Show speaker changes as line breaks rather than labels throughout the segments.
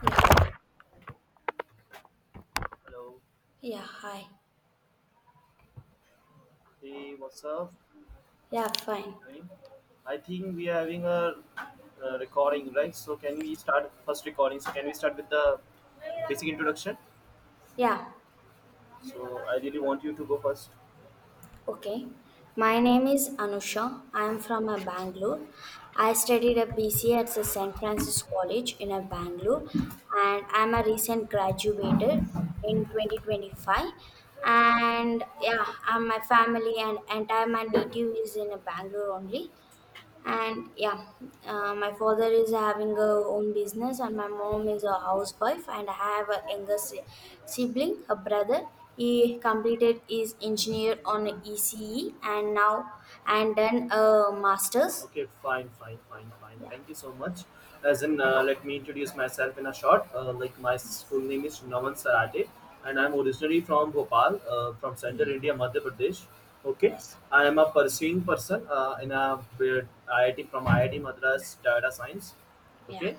Yeah,
Hello.
yeah, hi.
Hey, what's up?
Yeah, fine.
Doing? I think we are having a recording, right? So can we start first recording? So can we start with the basic introduction?
Yeah,
So I really want you to go first.
okay. My name is Anusha. I am from a Bangalore. I studied a BCA at the St. Francis College in a Bangalore and I am a recent graduated in 2025. And yeah, I'm my family and entire my native is in a Bangalore only. And yeah, my father is having a own business, and my mom is a housewife. And I have a younger sibling, a brother. He completed his engineer on ECE, and now and done a master's.
Okay, fine, fine, fine, fine.
Yeah,
Thank you so much. Let me introduce myself in a short. Like my full name is Navan Sarate, and I'm originally from Bhopal, from Central
yeah,
India, Madhya Pradesh. Okay,
yes,
I am a pursuing person in a uh, IIT, from IIT Madras Data Science,
yeah,
okay,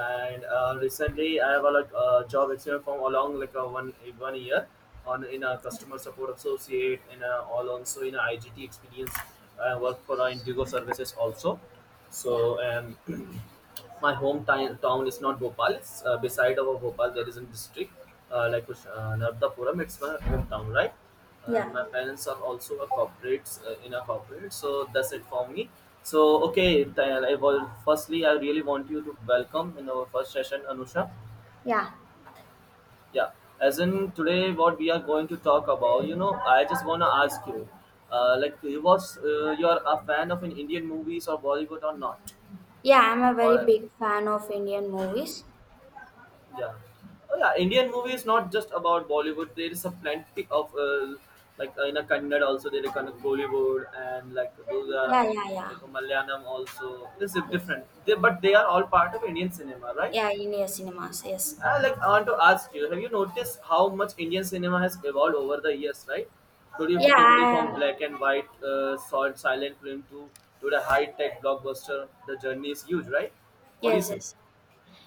and recently I have a job experience from along like a one year on in a customer support associate, and all also in a igt experience. I work for indigo services also. So
yeah,
um my hometown town is not Bhopal. It's beside our Bhopal. There is a district, Nardapuram. It's my hometown, right? And
yeah,
my parents are also a corporate, in a corporate. So that's it for me. So okay, Tayal, firstly I really want you to welcome in our first session, Anusha.
yeah,
Yeah, as in today, what we are going to talk about. You know, I just wanna ask you, like, you was you are a fan of an Indian movies or Bollywood or not,
yeah. I'm a very
or
big fan of Indian movies.
yeah, oh, yeah. Indian movie is not just about Bollywood. There is a plenty of in a Kannada also. There is kind of Bollywood, and like those
Yeah,
are
yeah,
like
yeah.
a Malayalam also. This is
Yes.
different, they, but they are all part of Indian cinema, right?
Yeah, Indian cinemas. Yes.
Like I want to ask you, have you noticed how much Indian cinema has evolved over the years, right? Totally,
Yeah.
totally,
I
from
am.
black and white, solid silent film to the high tech blockbuster. The journey is huge, right? What do you
Yes.
say?
Yes.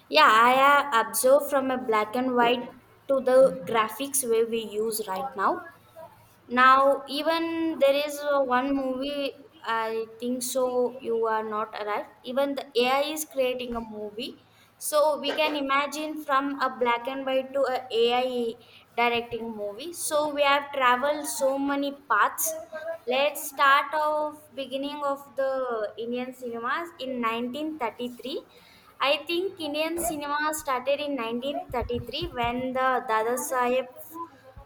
Yeah, I have observed from a black and white to the graphics where we use right now. Now, even there is one movie, I think so, you are not arrived. Even the AI is creating a movie. So we can imagine from a black and white to a AI directing movie. So we have traveled so many paths. Let's start off beginning of the Indian cinemas in 1933. I think Indian cinema started in 1933 when the Dada Saheb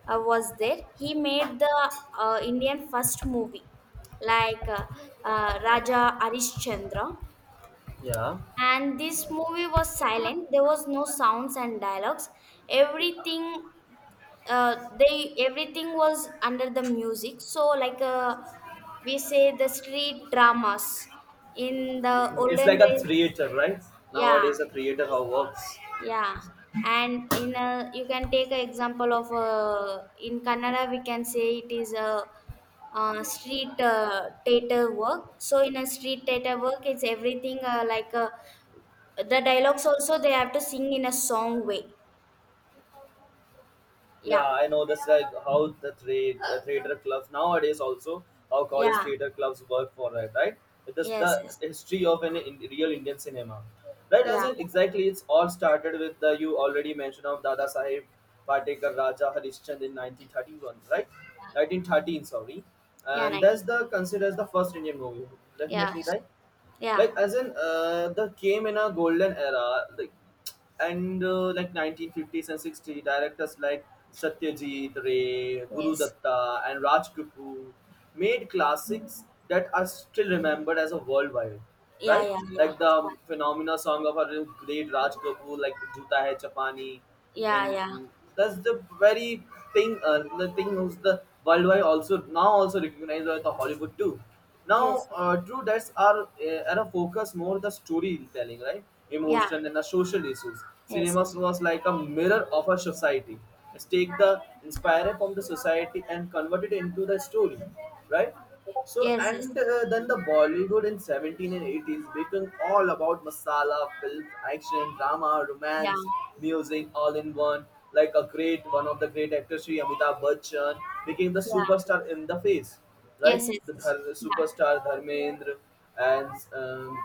was there. He made the Indian first movie, like Raja Arishchandra.
Yeah.
And this movie was silent. There was no sounds and dialogues. Everything, everything was under the music. So like we say the street dramas in the
It's like
olden
a
days.
theater, right?
Yeah.
Nowadays, a theater how works.
Yeah, and in a, you can take an example of in Kannada we can say it is a street theater work. So in a street theater work, it's everything like the dialogues also they have to sing in a song way.
Yeah,
Yeah,
I know that's like how the, the theater clubs nowadays, also how college
yeah,
theater clubs work for that, right? It is
yes,
the
yes,
history of an in, real Indian cinema, right? As
yeah,
in exactly, it's all started with the you already mentioned of Dada Sahib Patekar Raja Harishchand in 1931, right? 1913, sorry,
yeah,
and that's
ninety,
the considered as the first Indian movie,
yeah,
definitely, right?
yeah,
like as in The came in a golden era, like and like 1950s and 60s directors like Satyajit Ray, Guru
yes,
Datta, and Raj Kapoor made classics that are still remembered as a worldwide,
yeah,
right?
yeah, yeah,
Like the phenomena song of our great Raj Kapoor, like Juta Hai Chapani,
yeah, yeah,
and,
yeah.
and that's the very thing, the thing who's the worldwide, also now also recognized by the Hollywood too now.
Yes,
Drew, that's our focus more the storytelling, right?
yeah,
Emotion and the social issues.
yes,
Cinema
yes,
was like a mirror of our society. Let's take the inspired from the society and convert it into the story, right? So
yes, yes,
and then the Bollywood in 17 and 80s became all about masala, film, action, drama,
yeah,
romance, music, all in one. Like a great one of the great actors, Sri Amitabh Bachchan, became the
yeah.
superstar in the face, right?
Yes, yes,
The
yes.
Dhar-
Yeah,
superstar Dharmendra, and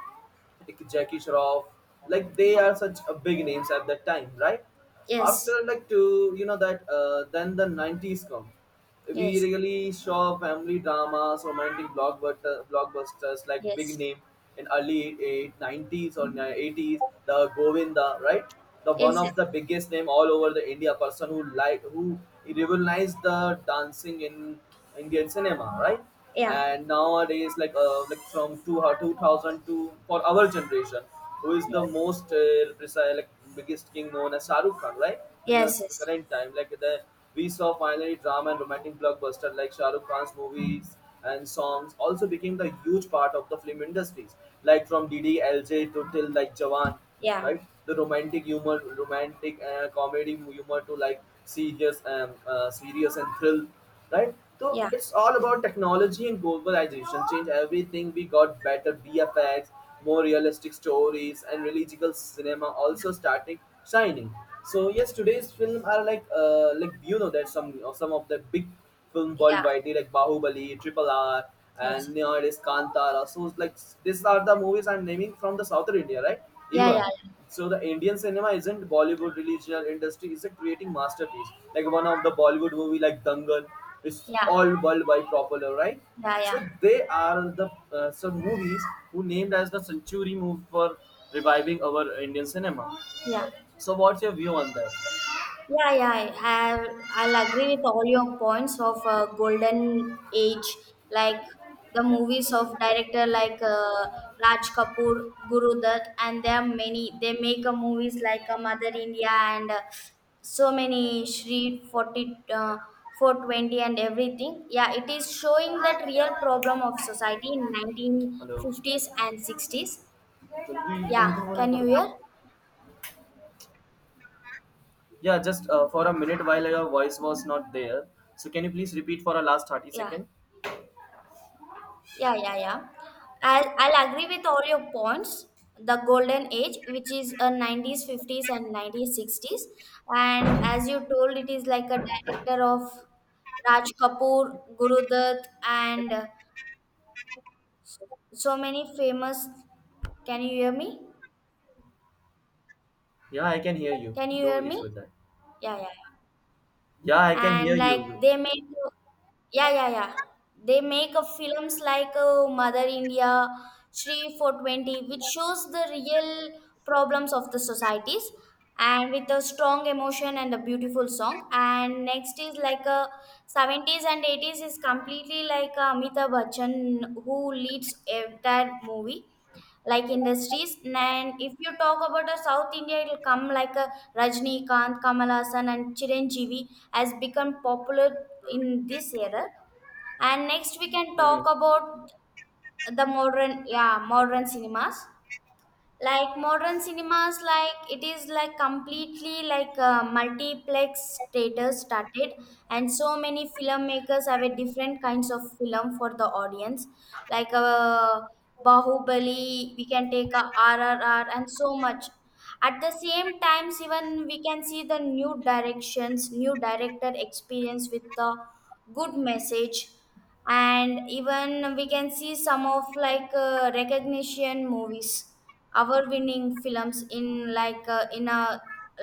like Jackie Shroff, like they
yeah.
are such a big names at that time, right? After
Yes,
like to you know that then the 90s come. We
yes,
really saw family dramas, romantic blockbuster, blockbusters, like big
yes,
name in early eight nineties or eighties. The Govinda, right? The
yes,
one
yes.
of the biggest name all over the India, person who like who revolutionized the dancing in Indian cinema, right?
Yeah,
And nowadays, from 2000 to, for our generation, who is
yeah.
the most precise, like biggest king, known as Shahrukh Khan, right? In the
Yes, yes.
current time, like the we saw finally drama and romantic blockbuster like Shahrukh Khan's movies, and songs also became the huge part of the film industries, like from DDLJ to till like Jawan,
Yeah,
right? The romantic humor, romantic comedy humor to like serious and serious and thrill, right? So
yeah,
it's all about technology and globalization. Change everything. We got better BFX, more realistic stories, and religious cinema also starting shining. So yes, today's film are like you know that some of the big film
yeah.
worldwide, like Bahubali, Triple R,
Yes,
and
yes.
nowadays Kantara. So like these are the movies I'm naming from the southern India, right?
Yeah,
Even
yeah,
so, the Indian cinema isn't Bollywood regional industry; it's a creating masterpiece. Like one of the Bollywood movie like Dangal is
yeah.
all worldwide popular, right?
Yeah, yeah,
So
yeah.
they are the some movies who named as the century move for reviving our Indian cinema.
Yeah.
So what's your view on that?
Yeah, yeah, I'll agree with all your points of golden age, like the movies of director like Raj Kapoor, Guru Dutt, and there are many. They make a movies like Mother India and so many Shri 40, 420 and everything. Yeah, it is showing that real problem of society in
Hello.
1950s and 60s. Yeah, can you hear?
Yeah, just for a minute while your voice was not there. So can you please repeat for a last 30 seconds
Yeah.
second?
Yeah, yeah, yeah. I'll agree with all your points. The golden age, which is a 90s, 50s, and 90s, 60s. And as you told, it is like a director of Raj Kapoor, Guru Dutt, and so many famous. Can you hear me?
Yeah, I can hear you.
Can you
No
hear me?
issue with that.
Yeah, yeah.
Yeah, I can hear
And like
you.
they make. Yeah, yeah, yeah. They make a films like mother india shri 420 which shows the real problems of the societies, and with a strong emotion and a beautiful song. And next is like a 70s and 80s is completely like amitabh bachchan who leads entire movie like industries. And if you talk about a south india, it'll come like a rajnikanth kamal Hassan and chiranjeevi has become popular in this era. And next we can talk
Mhm.
about the modern. Yeah, modern cinemas, like modern cinemas, like it is like completely like a multiplex status started, and so many filmmakers have a different kinds of film for the audience, like bahubali, we can take a rrr and so much. At the same times, even we can see the new directions, new director experience with the good message. And even we can see some of like recognition movies, our winning films in like in a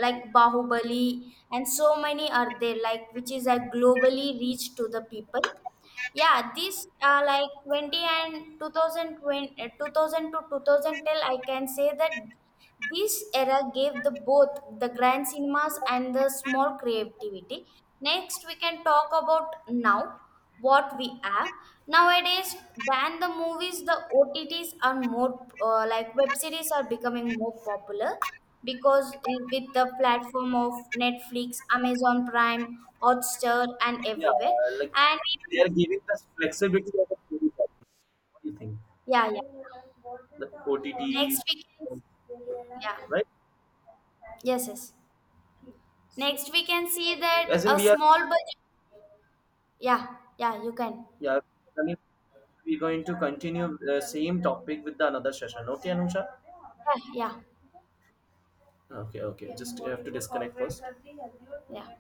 like bahubali and so many are there like which is a globally reach to the people. Yeah, this like 20 and 2020, 2000 to 2010, I can say that this era gave the both the grand cinemas and the small creativity. Next, we can talk about now what we have nowadays. Than the movies, the OTTs are more like web series are becoming more popular because with the platform of Netflix, Amazon Prime, Hotstar, and
Yeah,
everywhere
like
and.
they are giving us flexibility of the story. What do you think?
Yeah, yeah.
The OTTs,
Next we can, yeah,
right?
yes, yes.
So,
Next we can see
as
that
in
a
we are,
small budget. Yeah, yeah, you can.
yeah, I mean, we're going to continue the same topic with the another session. Okay, Anusha?
Yeah, yeah,
Okay, okay. Just you have to disconnect first.
yeah.